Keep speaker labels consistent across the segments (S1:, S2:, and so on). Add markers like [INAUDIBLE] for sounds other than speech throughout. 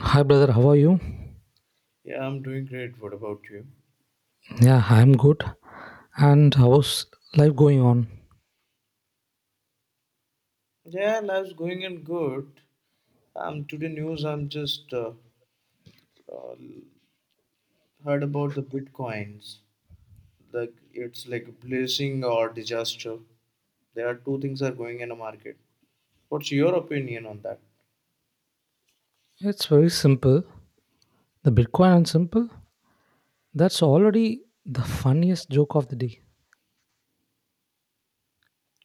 S1: Hi, brother. How are you?
S2: Yeah, I'm doing great. What about you?
S1: Yeah, I'm good. And how's life going on?
S2: Yeah, life's going in good. Today news I'm just uh, heard about the bitcoins. Like it's like a blessing or disaster. There are two things are going in the market. What's your opinion on that?
S1: It's very simple. The Bitcoin and simple. That's already the funniest joke of the day.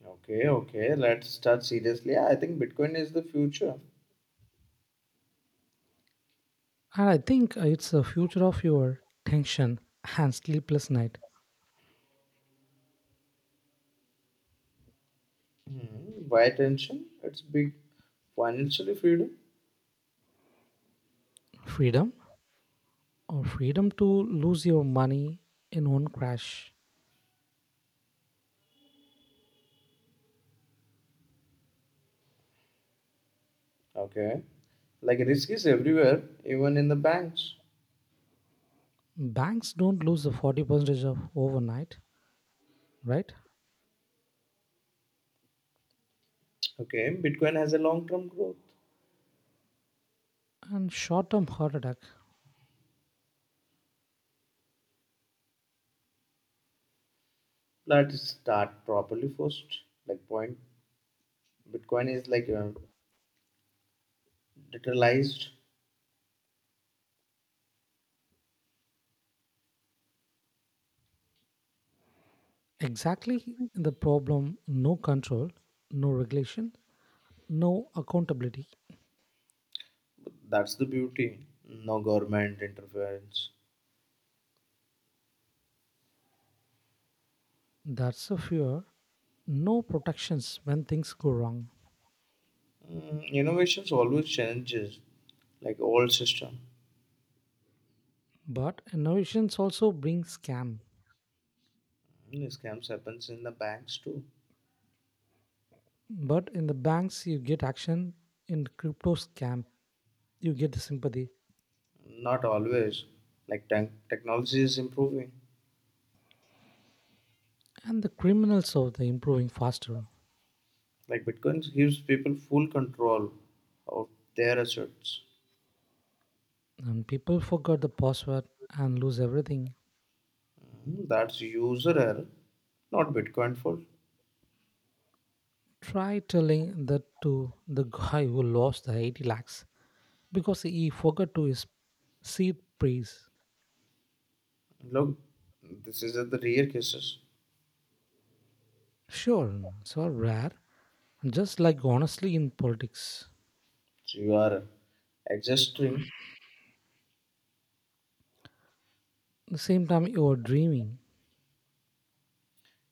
S2: Okay, okay. Let's start seriously. Yeah, I think Bitcoin is the future.
S1: And I think it's the future of your tension and sleepless night.
S2: Hmm. Why attention? It's big financially freedom.
S1: Freedom or freedom to lose your money in one crash.
S2: Okay. Like risk is everywhere, even in the banks.
S1: Banks don't lose the 40% of overnight, right?
S2: Okay, Bitcoin has a long term growth.
S1: And short term heart attack.
S2: Let's start properly first. Like point, Bitcoin is like digitalized.
S1: Exactly the problem no control, no regulation, no accountability.
S2: That's the beauty. No government interference.
S1: That's a fear. No protections when things go wrong.
S2: Mm, innovations always changes, like old system.
S1: But innovations also bring scam.
S2: Mm, scams happens in the banks too.
S1: But in the banks, you get action. In crypto scam, you get the sympathy.
S2: Not always. Like technology is improving.
S1: And the criminals are the improving faster.
S2: Like Bitcoin gives people full control of their assets.
S1: And people forgot the password and lose everything.
S2: Mm, that's user error, not Bitcoin fault.
S1: Try telling that to the guy who lost the 80 lakhs because he forgot to his seed praise.
S2: Look, this is at the rare cases.
S1: Sure, it's all rare, just like honestly in politics,
S2: So you are adjusting.
S1: the same time you are dreaming.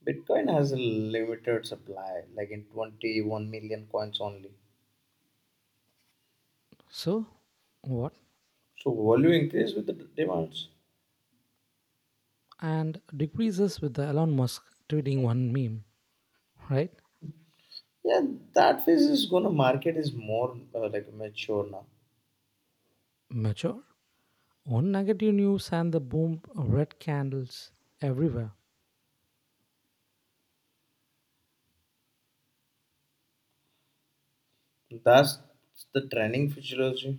S2: Bitcoin has a limited supply, like in 21 million coins only.
S1: So, what?
S2: So value increase with the demands.
S1: And decreases with the Elon Musk tweeting one meme, right?
S2: Yeah, that phase is gonna market is more like mature now.
S1: Mature. One negative news and the boom of red candles everywhere.
S2: That's the trending futurology.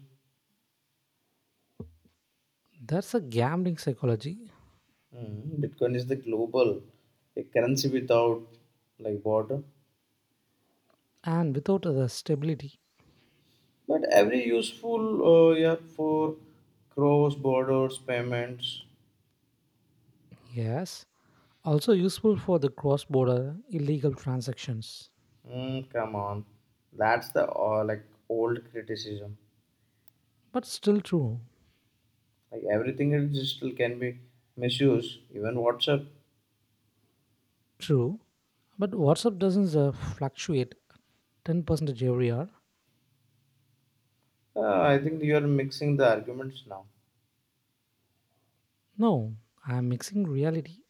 S1: That's a gambling psychology
S2: Mhm. Bitcoin is the global a currency without like border,
S1: and without the stability.
S2: but every useful yeah for cross borders payments.
S1: Yes. Also useful for the cross border illegal transactions.
S2: Mm, come on, that's the like old criticism.
S1: But still true.
S2: Like everything is digital can be misused, even WhatsApp.
S1: True. But WhatsApp doesn't fluctuate 10% every year.
S2: I think you are mixing the arguments now.
S1: No, I'm mixing reality.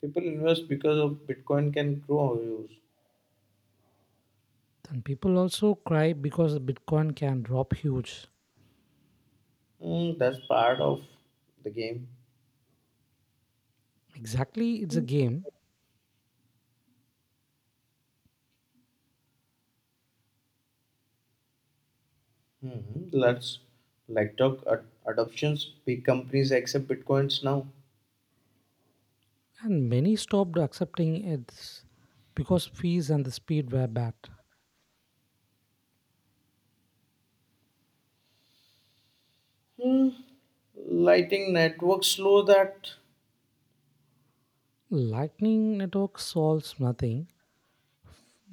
S2: People invest because of Bitcoin can grow use.
S1: And people also cry because the Bitcoin can drop huge.
S2: Mm, that's part of the game.
S1: Exactly, it's a game,
S2: Hmm. Let's like talk adoptions. Big companies accept Bitcoins now.
S1: and many stopped accepting it because fees and the speed were bad.
S2: Hmm. Lighting networks slow that.
S1: Lightning network solves nothing.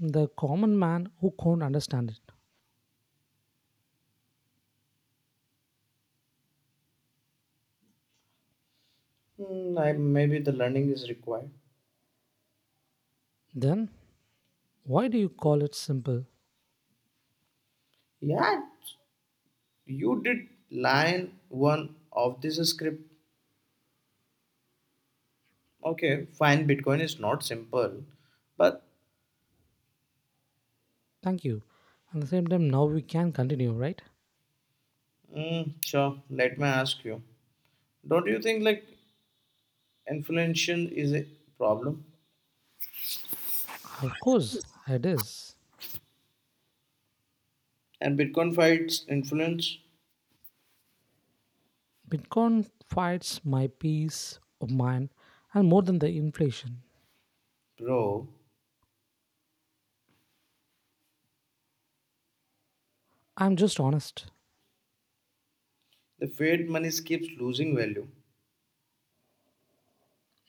S1: The common man who can't understand it.
S2: Hmm, maybe the learning is required.
S1: Then, why do you call it simple?
S2: Yeah, you did line one of this script. Okay, fine. Bitcoin is not simple, but
S1: Thank you. At the same time, now we can continue, right?
S2: mm, sure. Let me ask you. Don't you think like inflation is a problem
S1: Of course, it is.
S2: and Bitcoin fights influence,
S1: Bitcoin fights my peace of mind and more than the inflation.
S2: bro?
S1: I'm just honest.
S2: The fiat money keeps losing value.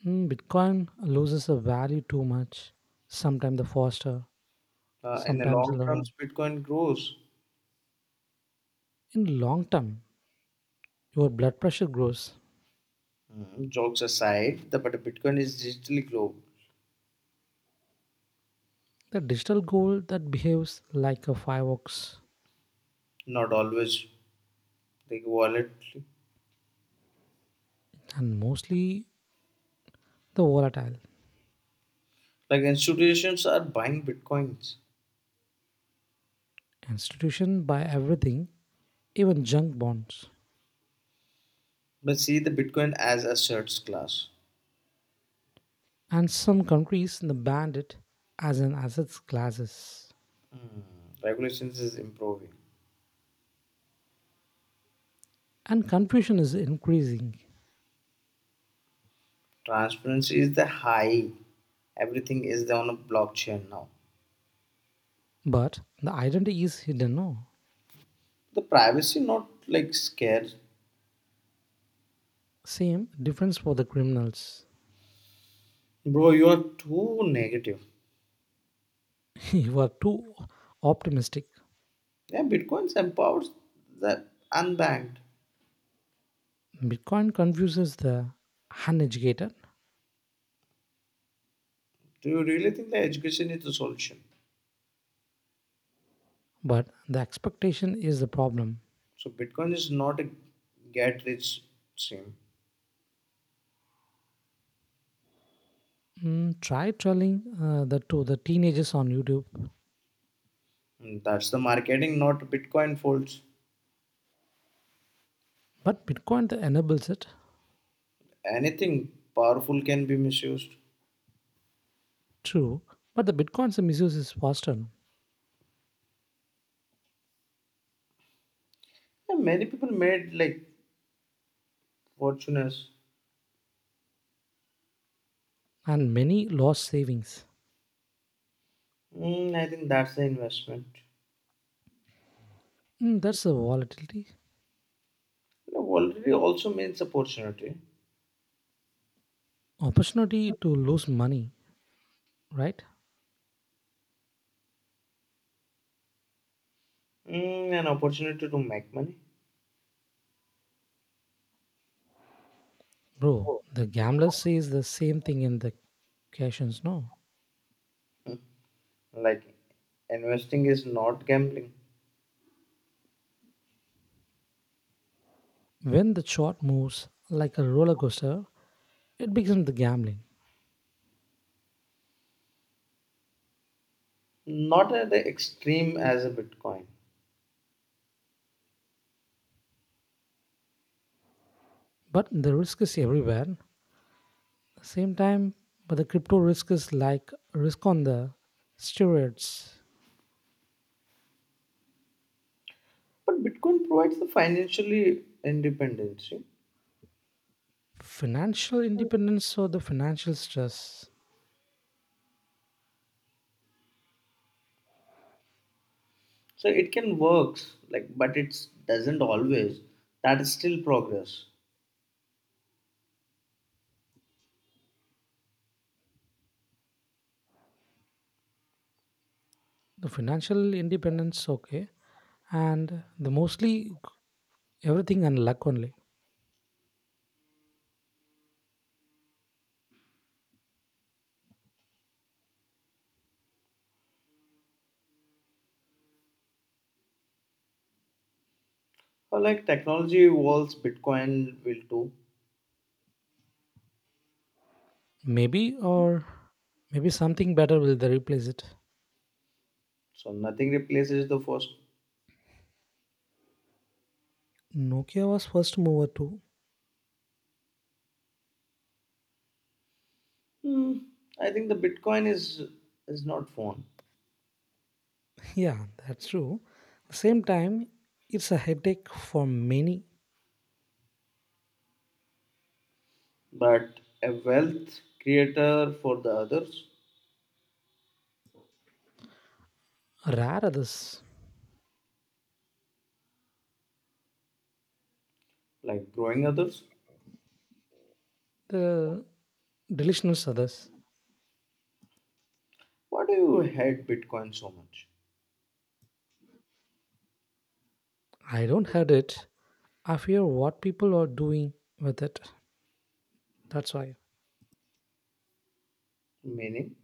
S1: Bitcoin loses the value too much. Sometimes the faster,
S2: In the
S1: sometimes
S2: long term,
S1: the
S2: Bitcoin grows.
S1: in long term, your blood pressure grows.
S2: Mm, jokes aside, the but Bitcoin is digitally global,
S1: The digital gold that behaves like a fireworks
S2: not always like wallet.
S1: and mostly the volatile
S2: Like institutions are buying Bitcoins.
S1: institution buy everything, even junk bonds.
S2: But see the Bitcoin as a asserts class.
S1: And some countries ban it as an assets classes.
S2: Regulations is improving.
S1: And confusion is increasing
S2: Transparency is the high. Everything is on a blockchain now.
S1: but the identity is hidden no
S2: The privacy not like scared.
S1: same difference for the criminals.
S2: Bro, you are too negative.
S1: [LAUGHS] You are too optimistic.
S2: Yeah, Bitcoin empowers the unbanked.
S1: Bitcoin confuses the uneducated
S2: Do you really think the education is the solution?
S1: but the expectation is the problem.
S2: So Bitcoin is not a get rich scheme.
S1: Try telling that to the teenagers on YouTube
S2: And that's the marketing, not Bitcoin faults.
S1: but Bitcoin that enables it
S2: Anything powerful can be misused.
S1: true but the Bitcoin's misuse is faster
S2: Yeah, many people made like fortunes.
S1: and many lost savings.
S2: Mm, I think that's the investment.
S1: That's the volatility
S2: You know, volatility also means opportunity.
S1: opportunity to lose money, right?
S2: Mm, an opportunity to make money.
S1: Bro,
S2: Oh.
S1: the gambler says the same thing in the questions, no?
S2: Mm, like investing is not gambling,
S1: When the chart moves like a roller coaster, it becomes the gambling.
S2: not at the extreme as a Bitcoin.
S1: But the risk is everywhere. At the same time, but the crypto risk is like risk on the steroids.
S2: But Bitcoin provides the financially independence.
S1: Financial independence or the financial stress.
S2: So it can works like, but it doesn't always. That is still progress.
S1: The financial independence, okay. And the mostly everything and luck only.
S2: Or like technology evolves, Bitcoin will too.
S1: Maybe or maybe something better will they replace it.
S2: So nothing replaces the first.
S1: Nokia was first mover too.
S2: Hmm, I think the Bitcoin is not phone,
S1: [LAUGHS] Yeah, that's true. At the same time, it's a headache for many
S2: but a wealth creator for the others,
S1: rare others.
S2: like growing others.
S1: The delusional others.
S2: Why do you hate Bitcoin so much?
S1: I don't had it. I fear what people are doing with it. That's why.
S2: Meaning,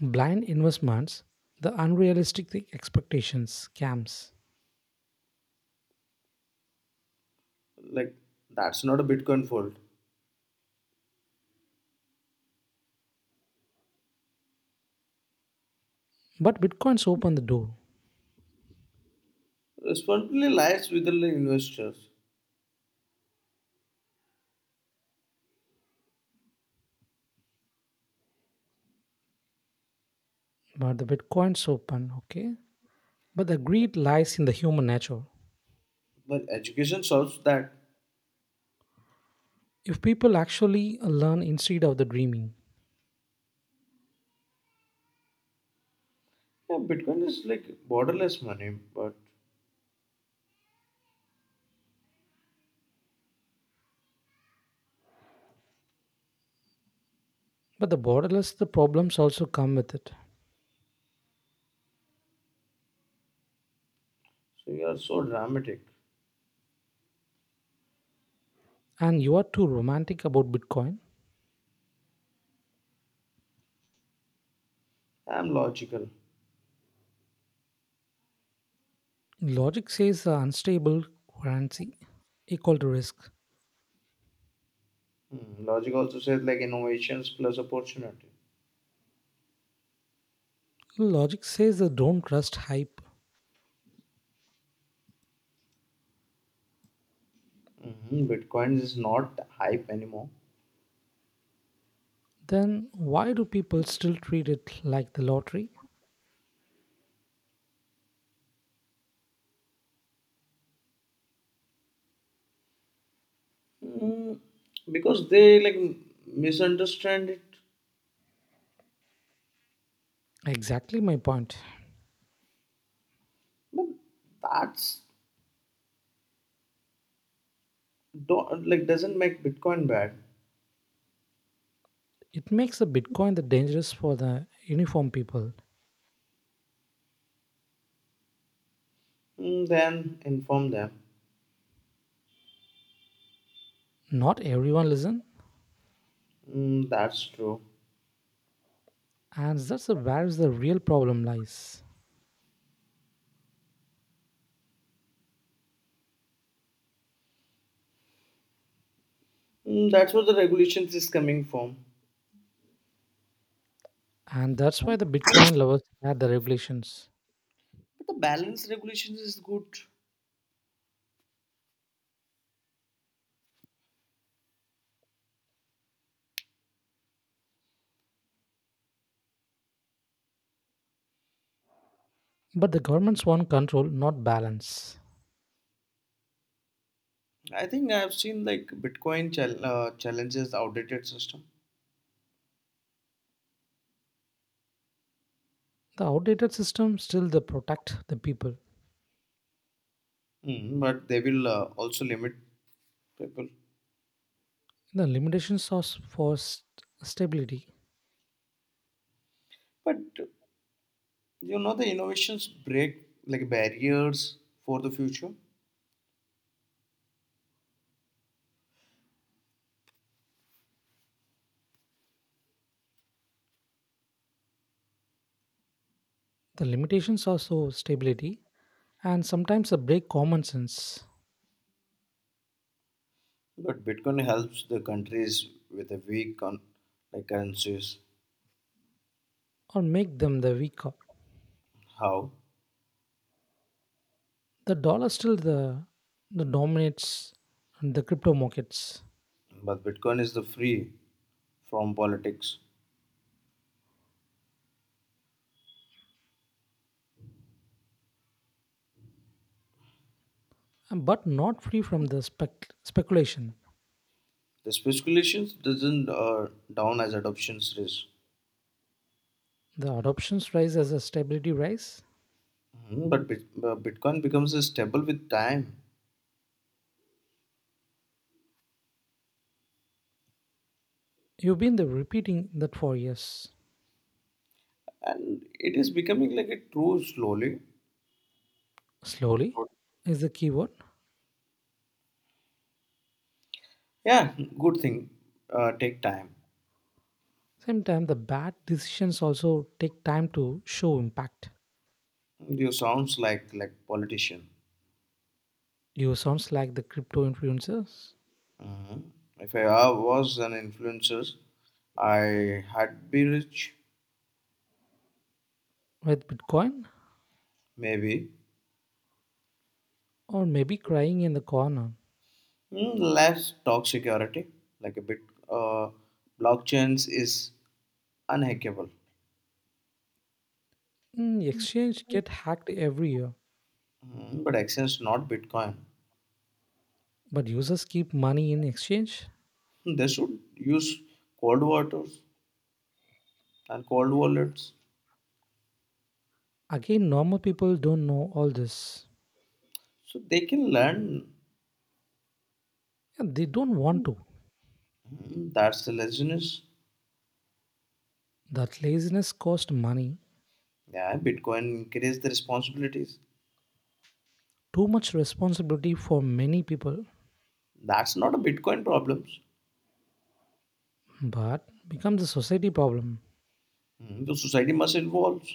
S1: Blind investments, the unrealistic expectations, scams.
S2: like that's not a Bitcoin fault.
S1: But bitcoins open the door.
S2: Responsibility lies with the investors,
S1: But the bitcoins open, okay? But the greed lies in the human nature.
S2: but education solves that.
S1: If people actually learn instead of the dreaming,
S2: Yeah, Bitcoin is like borderless money, but
S1: but the borderless the problems also come with it.
S2: so you are so dramatic.
S1: And you are too romantic about Bitcoin.
S2: I'm logical.
S1: Logic says the unstable currency equal to risk.
S2: Hmm, logic also says like innovations plus opportunity.
S1: Logic says the don't trust hype.
S2: Mhm, Bitcoin is not hype anymore.
S1: Then why do people still treat it like the lottery?
S2: Mm, because they like misunderstand it.
S1: Exactly my point.
S2: But that's don't like doesn't make Bitcoin bad.
S1: It makes the Bitcoin the dangerous for the uniform people.
S2: Mm, then inform them.
S1: Not everyone listen,
S2: Mm, that's true.
S1: and that's the where is the real problem lies.
S2: Mm, that's where the regulations is coming from.
S1: And that's why the Bitcoin lovers had the regulations.
S2: But the balance regulations is good.
S1: But the governments want control, not balance.
S2: I think I've seen like Bitcoin challenges outdated system.
S1: The outdated system still the protect the people.
S2: Mm, but they will also limit people.
S1: The limitations are for stability.
S2: But you know the innovations break like barriers for the future.
S1: The limitations are so stability, and sometimes they break common sense
S2: But Bitcoin helps the countries with a like currencies.
S1: or make them the weaker.
S2: How?
S1: The dollar still the dominates the crypto markets,
S2: But Bitcoin is the free from politics.
S1: but not free from the speculation.
S2: The speculations doesn't down as adoptions risk.
S1: The adoptions rise as a stability rise.
S2: Mhm, but Bitcoin becomes a stable with time,
S1: You've been the repeating that for years.
S2: and it is becoming like a true slowly.
S1: Slowly is the keyword.
S2: Yeah, good thing. Take time.
S1: Same time, the bad decisions also take time to show impact.
S2: You sounds like politician.
S1: You sounds like the crypto influencers
S2: Mhm. If I was an influencer, I had be rich.
S1: with Bitcoin
S2: Maybe
S1: or maybe crying in the corner.
S2: mm, let's talk security. Like a uh, blockchains is unhackable.
S1: Exchange get hacked every year,
S2: Mm, but Access not Bitcoin.
S1: but users keep money in exchange.
S2: Hmm, they should use cold waters and cold wallets
S1: Again, normal people don't know all this.
S2: so they can learn.
S1: Yeah, they don't want to.
S2: Mm, that's the laziness.
S1: That laziness cost money,
S2: Yeah, Bitcoin increase the responsibilities.
S1: too much responsibility for many people,
S2: That's not a Bitcoin problems.
S1: but becomes a society problem.
S2: Mm, the society must evolve.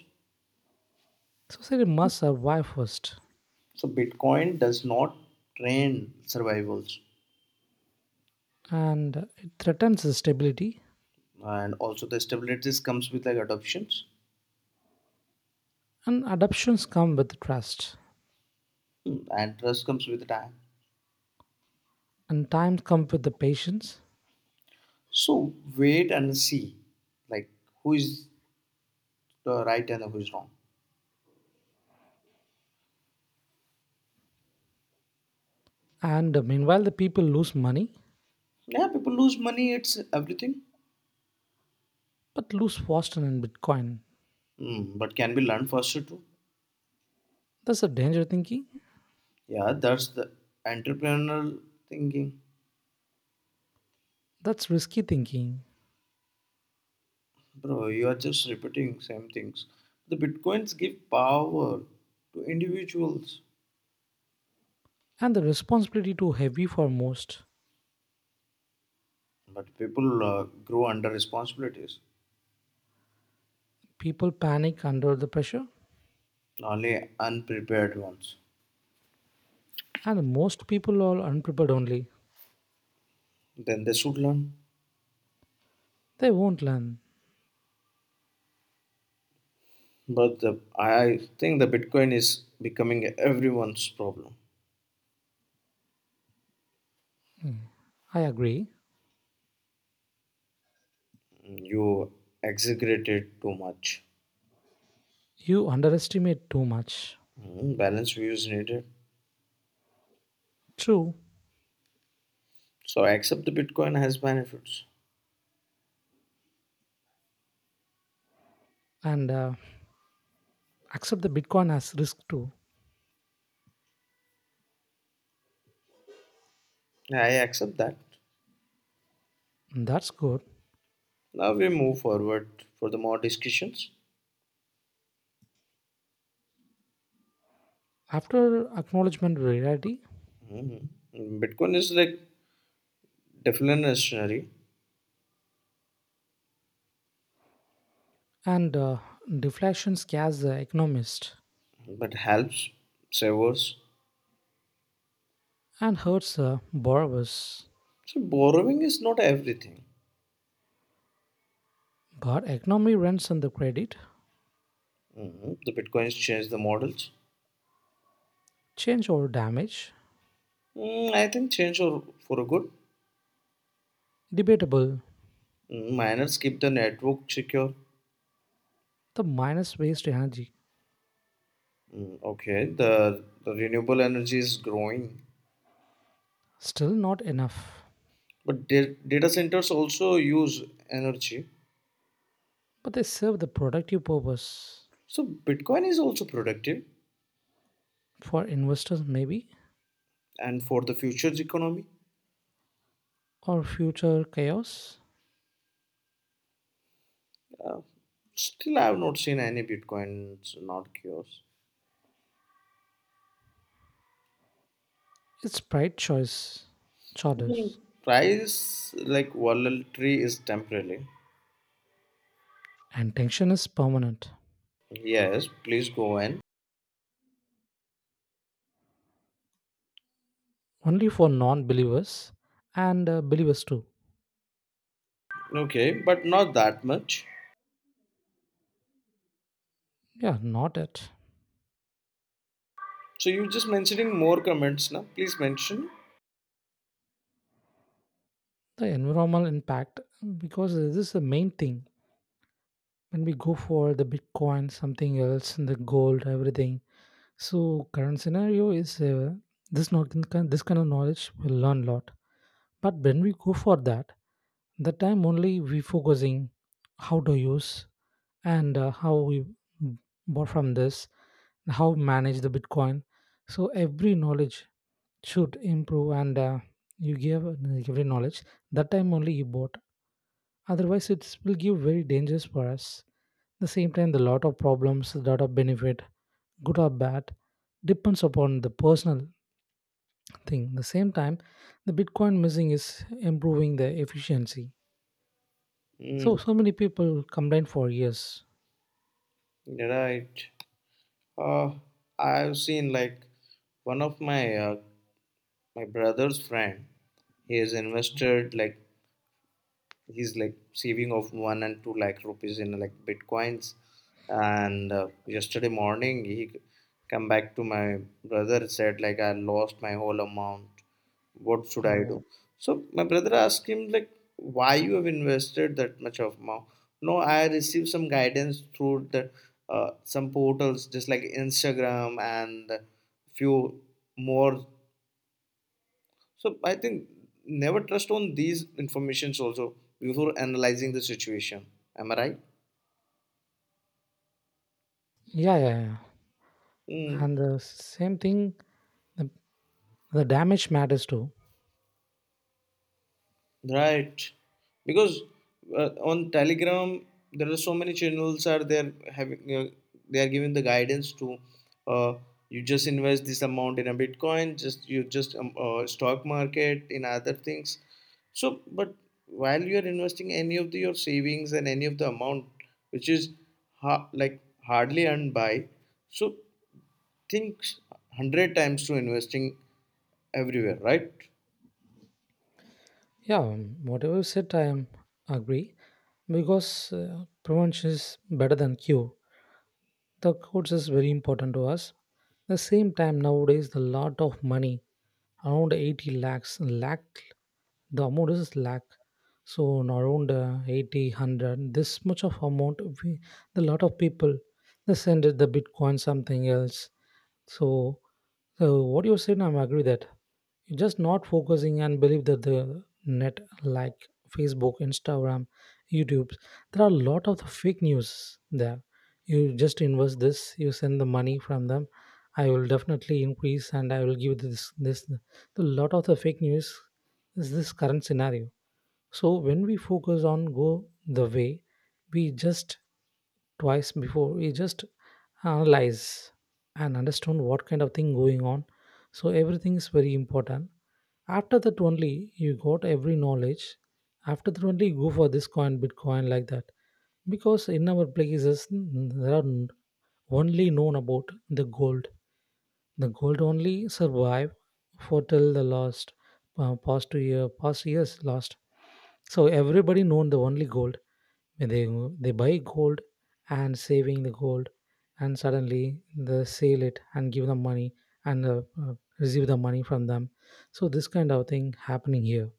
S1: Society must survive first,
S2: So Bitcoin does not train survivals,
S1: and it threatens the stability.
S2: and also the stabilities comes with like adoptions.
S1: And adoptions come with trust,
S2: Mm, and trust comes with time.
S1: and time comes with the patience.
S2: So wait and see, like who is the right and who is wrong.
S1: And meanwhile, the people lose money,
S2: Yeah, people lose money. It's everything,
S1: but lose faster in Bitcoin.
S2: mm, but can be learned faster too.
S1: That's a danger thinking.
S2: Yeah, that's the entrepreneurial thinking,
S1: That's risky thinking,
S2: bro. You are just repeating same things. The bitcoins give power to individuals,
S1: and the responsibility too heavy for most.
S2: but people grow under responsibilities,
S1: People panic under the pressure,
S2: only unprepared ones.
S1: and most people are unprepared only.
S2: Then they should learn.
S1: They won't learn.
S2: But I think the Bitcoin is becoming everyone's problem.
S1: I agree.
S2: You exaggerate it too much.
S1: You underestimate too much.
S2: Mm, balance views needed.
S1: True,
S2: So I accept the Bitcoin has benefits.
S1: and accept the Bitcoin as risk too.
S2: I accept that.
S1: That's good.
S2: Now we move forward for the more discussions.
S1: After acknowledgement of reality,
S2: Mm, Bitcoin is like deflationary,
S1: and deflation scares the economist
S2: but helps savers.
S1: and hurts the borrowers.
S2: So borrowing is not everything.
S1: But economy runs on the credit,
S2: Mm, the Bitcoins change the models.
S1: change or damage,
S2: Mm, I think change for a good.
S1: debatable,
S2: Mm, miners keep the network secure.
S1: the minus waste energy,
S2: Mm, okay, the renewable energy is growing,
S1: still not enough.
S2: but data centers also use energy.
S1: But they serve the productive purpose
S2: So Bitcoin is also productive,
S1: for investors maybe
S2: and for the future's economy,
S1: or future chaos.
S2: uh, still I have not seen any Bitcoins not cures.
S1: It's bright choice,
S2: Hmm.
S1: charters,
S2: Price like volatility is temporary.
S1: and tension is permanent,
S2: Yes, please go in.
S1: only for non-believers and believers too.
S2: Okay, but not that much.
S1: Yeah, not it.
S2: So you're just mentioning more comments now. Please mention.
S1: The environmental impact, because this is the main thing when we go for the Bitcoin something else and the gold everything, so current scenario is this not this kind of knowledge will learn a lot, but when we go for that the time only we focusing how to use and how we bought from this, how manage the Bitcoin, so every knowledge should improve, and you give every knowledge that time only you bought. Otherwise, it will give very dangerous for us. The same time, the lot of problems, the lot of benefit, good or bad, depends upon the personal thing. The same time, the Bitcoin missing is improving the efficiency. So
S2: Hmm.
S1: so many people complain for years.
S2: Right. Uh, I've seen like one of my my brother's friend. He has invested like he's like saving of 1 and 2 lakh rupees in like bitcoins, and yesterday morning he come back to my brother said like I lost my whole amount. What should I
S1: Oh,
S2: do? So my brother asked him like why you have invested that much of amount. No, I received some guidance through the some portals just like Instagram and few more. So I think never trust on these informations also before analyzing the situation. Am I right?
S1: yeah, yeah, yeah.
S2: Hmm.
S1: And the same thing, the, the damage matters too.
S2: Right, because on Telegram there are so many channels are there having they are giving the guidance to uh, you just invest this amount in a Bitcoin, just you just stock market in other things. So, but while you are investing any of the, your savings and any of the amount which is like hardly earned by, so think 100 times to investing everywhere, right?
S1: Yeah, whatever you said, I am agree, because prevention is better than cure. The course is very important to us. The same time nowadays the lot of money around 80 lakhs lakh, the amount is lakh, so in around 80 100 this much of amount we, the lot of people they send it the Bitcoin something else, so so what you said I'm agree that you just not focusing and believe that the net like Facebook, Instagram, YouTube, there are a lot of the fake news there, you just invest this, you send the money from them, I will definitely increase and I will give this the lot of the fake news is this current scenario, so when we focus on go the way we just twice before we just analyze and understand what kind of thing going on, so everything is very important, after that only you got every knowledge. After that only you go for this coin, Bitcoin like that. Because in our places there are only known about the gold. The gold only survive for till the last past 2 year past years last. So everybody known the only gold. When they buy gold and saving the gold, and suddenly they sell it and give them money and receive the money from them. So this kind of thing happening here.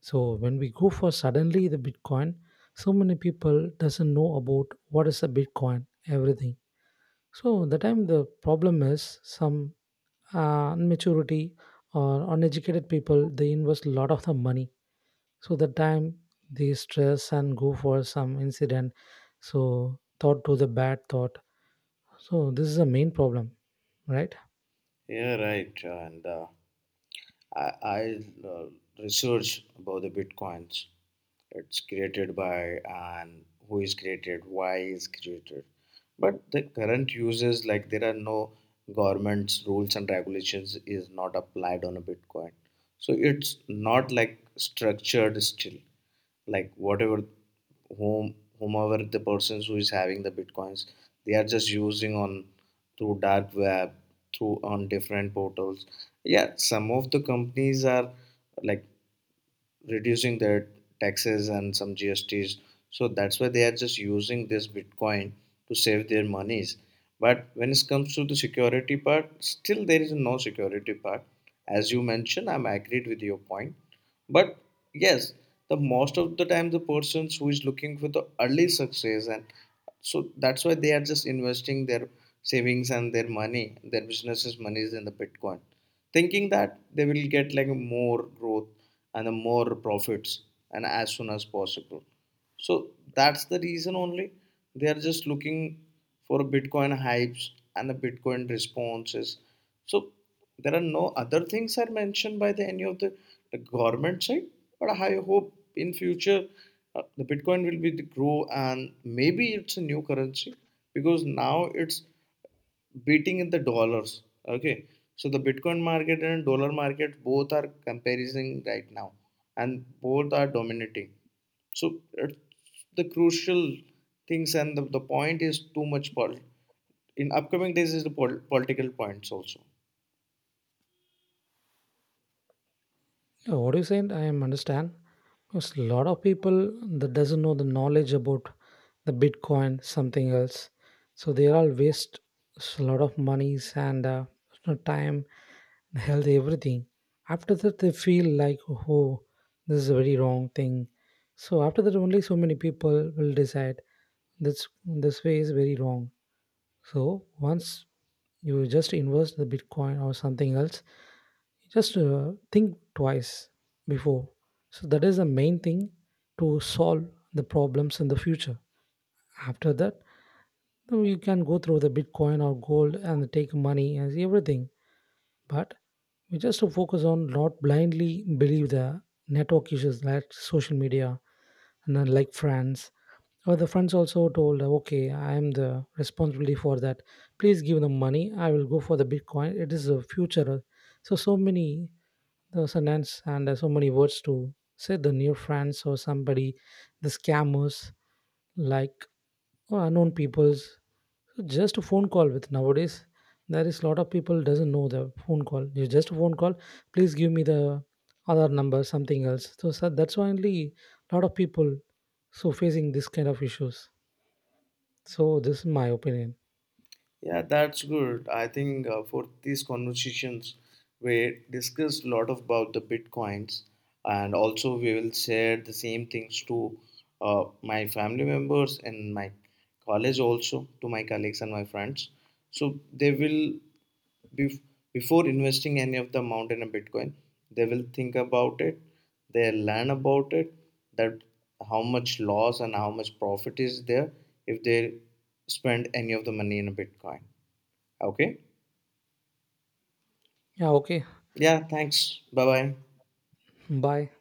S1: So when we go for suddenly the Bitcoin, so many people doesn't know about what is a Bitcoin, everything. So the time the problem is some immaturity or uneducated people they invest a lot of the money. So the time they stress and go for some incident, so thought to the bad thought. So this is the main problem, right?
S2: Yeah, right, and. I uh, research about the bitcoins. It's created by and who is created, why is created. But the current uses like there are no government's rules and regulations is not applied on a bitcoin. So it's not like structured still like whatever whom whomever the persons who is having the bitcoins they are just using on through dark web through on different portals, yeah, some of the companies are like reducing their taxes and some GSTs. So that's why they are just using this Bitcoin to save their monies. But when it comes to the security part, still there is no security part. As you mentioned, I'm agreed with your point. But yes, the most of the time the persons who is looking for the early success and so that's why they are just investing their savings and their money, their businesses' monies in the Bitcoin thinking that they will get like more growth and more profits and as soon as possible, so that's the reason only they are just looking for Bitcoin hypes and the Bitcoin responses. So there are no other things are mentioned by the any of the government side, but I hope in future the Bitcoin will be the grow and maybe it's a new currency because now it's beating in the dollars. Okay, so the Bitcoin market and dollar market both are comparing right now, and both are dominating. So it's the crucial things and the point is too much in upcoming days is the political points also.
S1: Yeah, what you saying? I am understand. Because a lot of people that doesn't know the knowledge about the Bitcoin, something else. So they all waste a lot of monies and time, health, everything. After that, they feel like, oh, this is a very wrong thing. So after that, only so many people will decide this way is very wrong. So once you just invest the Bitcoin or something else, just think twice before. So that is the main thing to solve the problems in the future. After that, then you can go through the Bitcoin or gold and take money and everything. But we just to focus on not blindly believe the network issues like social media and then like friends, but the friends also told, okay, I am the responsibility for that. Please give them money. I will go for the Bitcoin. It is a future. So many the sentence and so many words to say the new friends or somebody, the scammers, like or unknown peoples. So, just a phone call with nowadays, there is a lot of people doesn't know the phone call. You just a phone call. Please give me the other number, something else. So that's why only a lot of people so facing this kind of issues. So this is my opinion.
S2: Yeah, that's good. I think for these conversations, we discussed a lot about the bitcoins, and also we will share the same things to my family members and my college also to my colleagues and my friends. So they will Bef- before investing any of the amount in a bitcoin they will think about it they learn about it that how much loss and how much profit is there if they spend any of the money in a bitcoin, okay?
S1: Yeah, okay.
S2: Yeah, thanks, bye bye.
S1: Bye.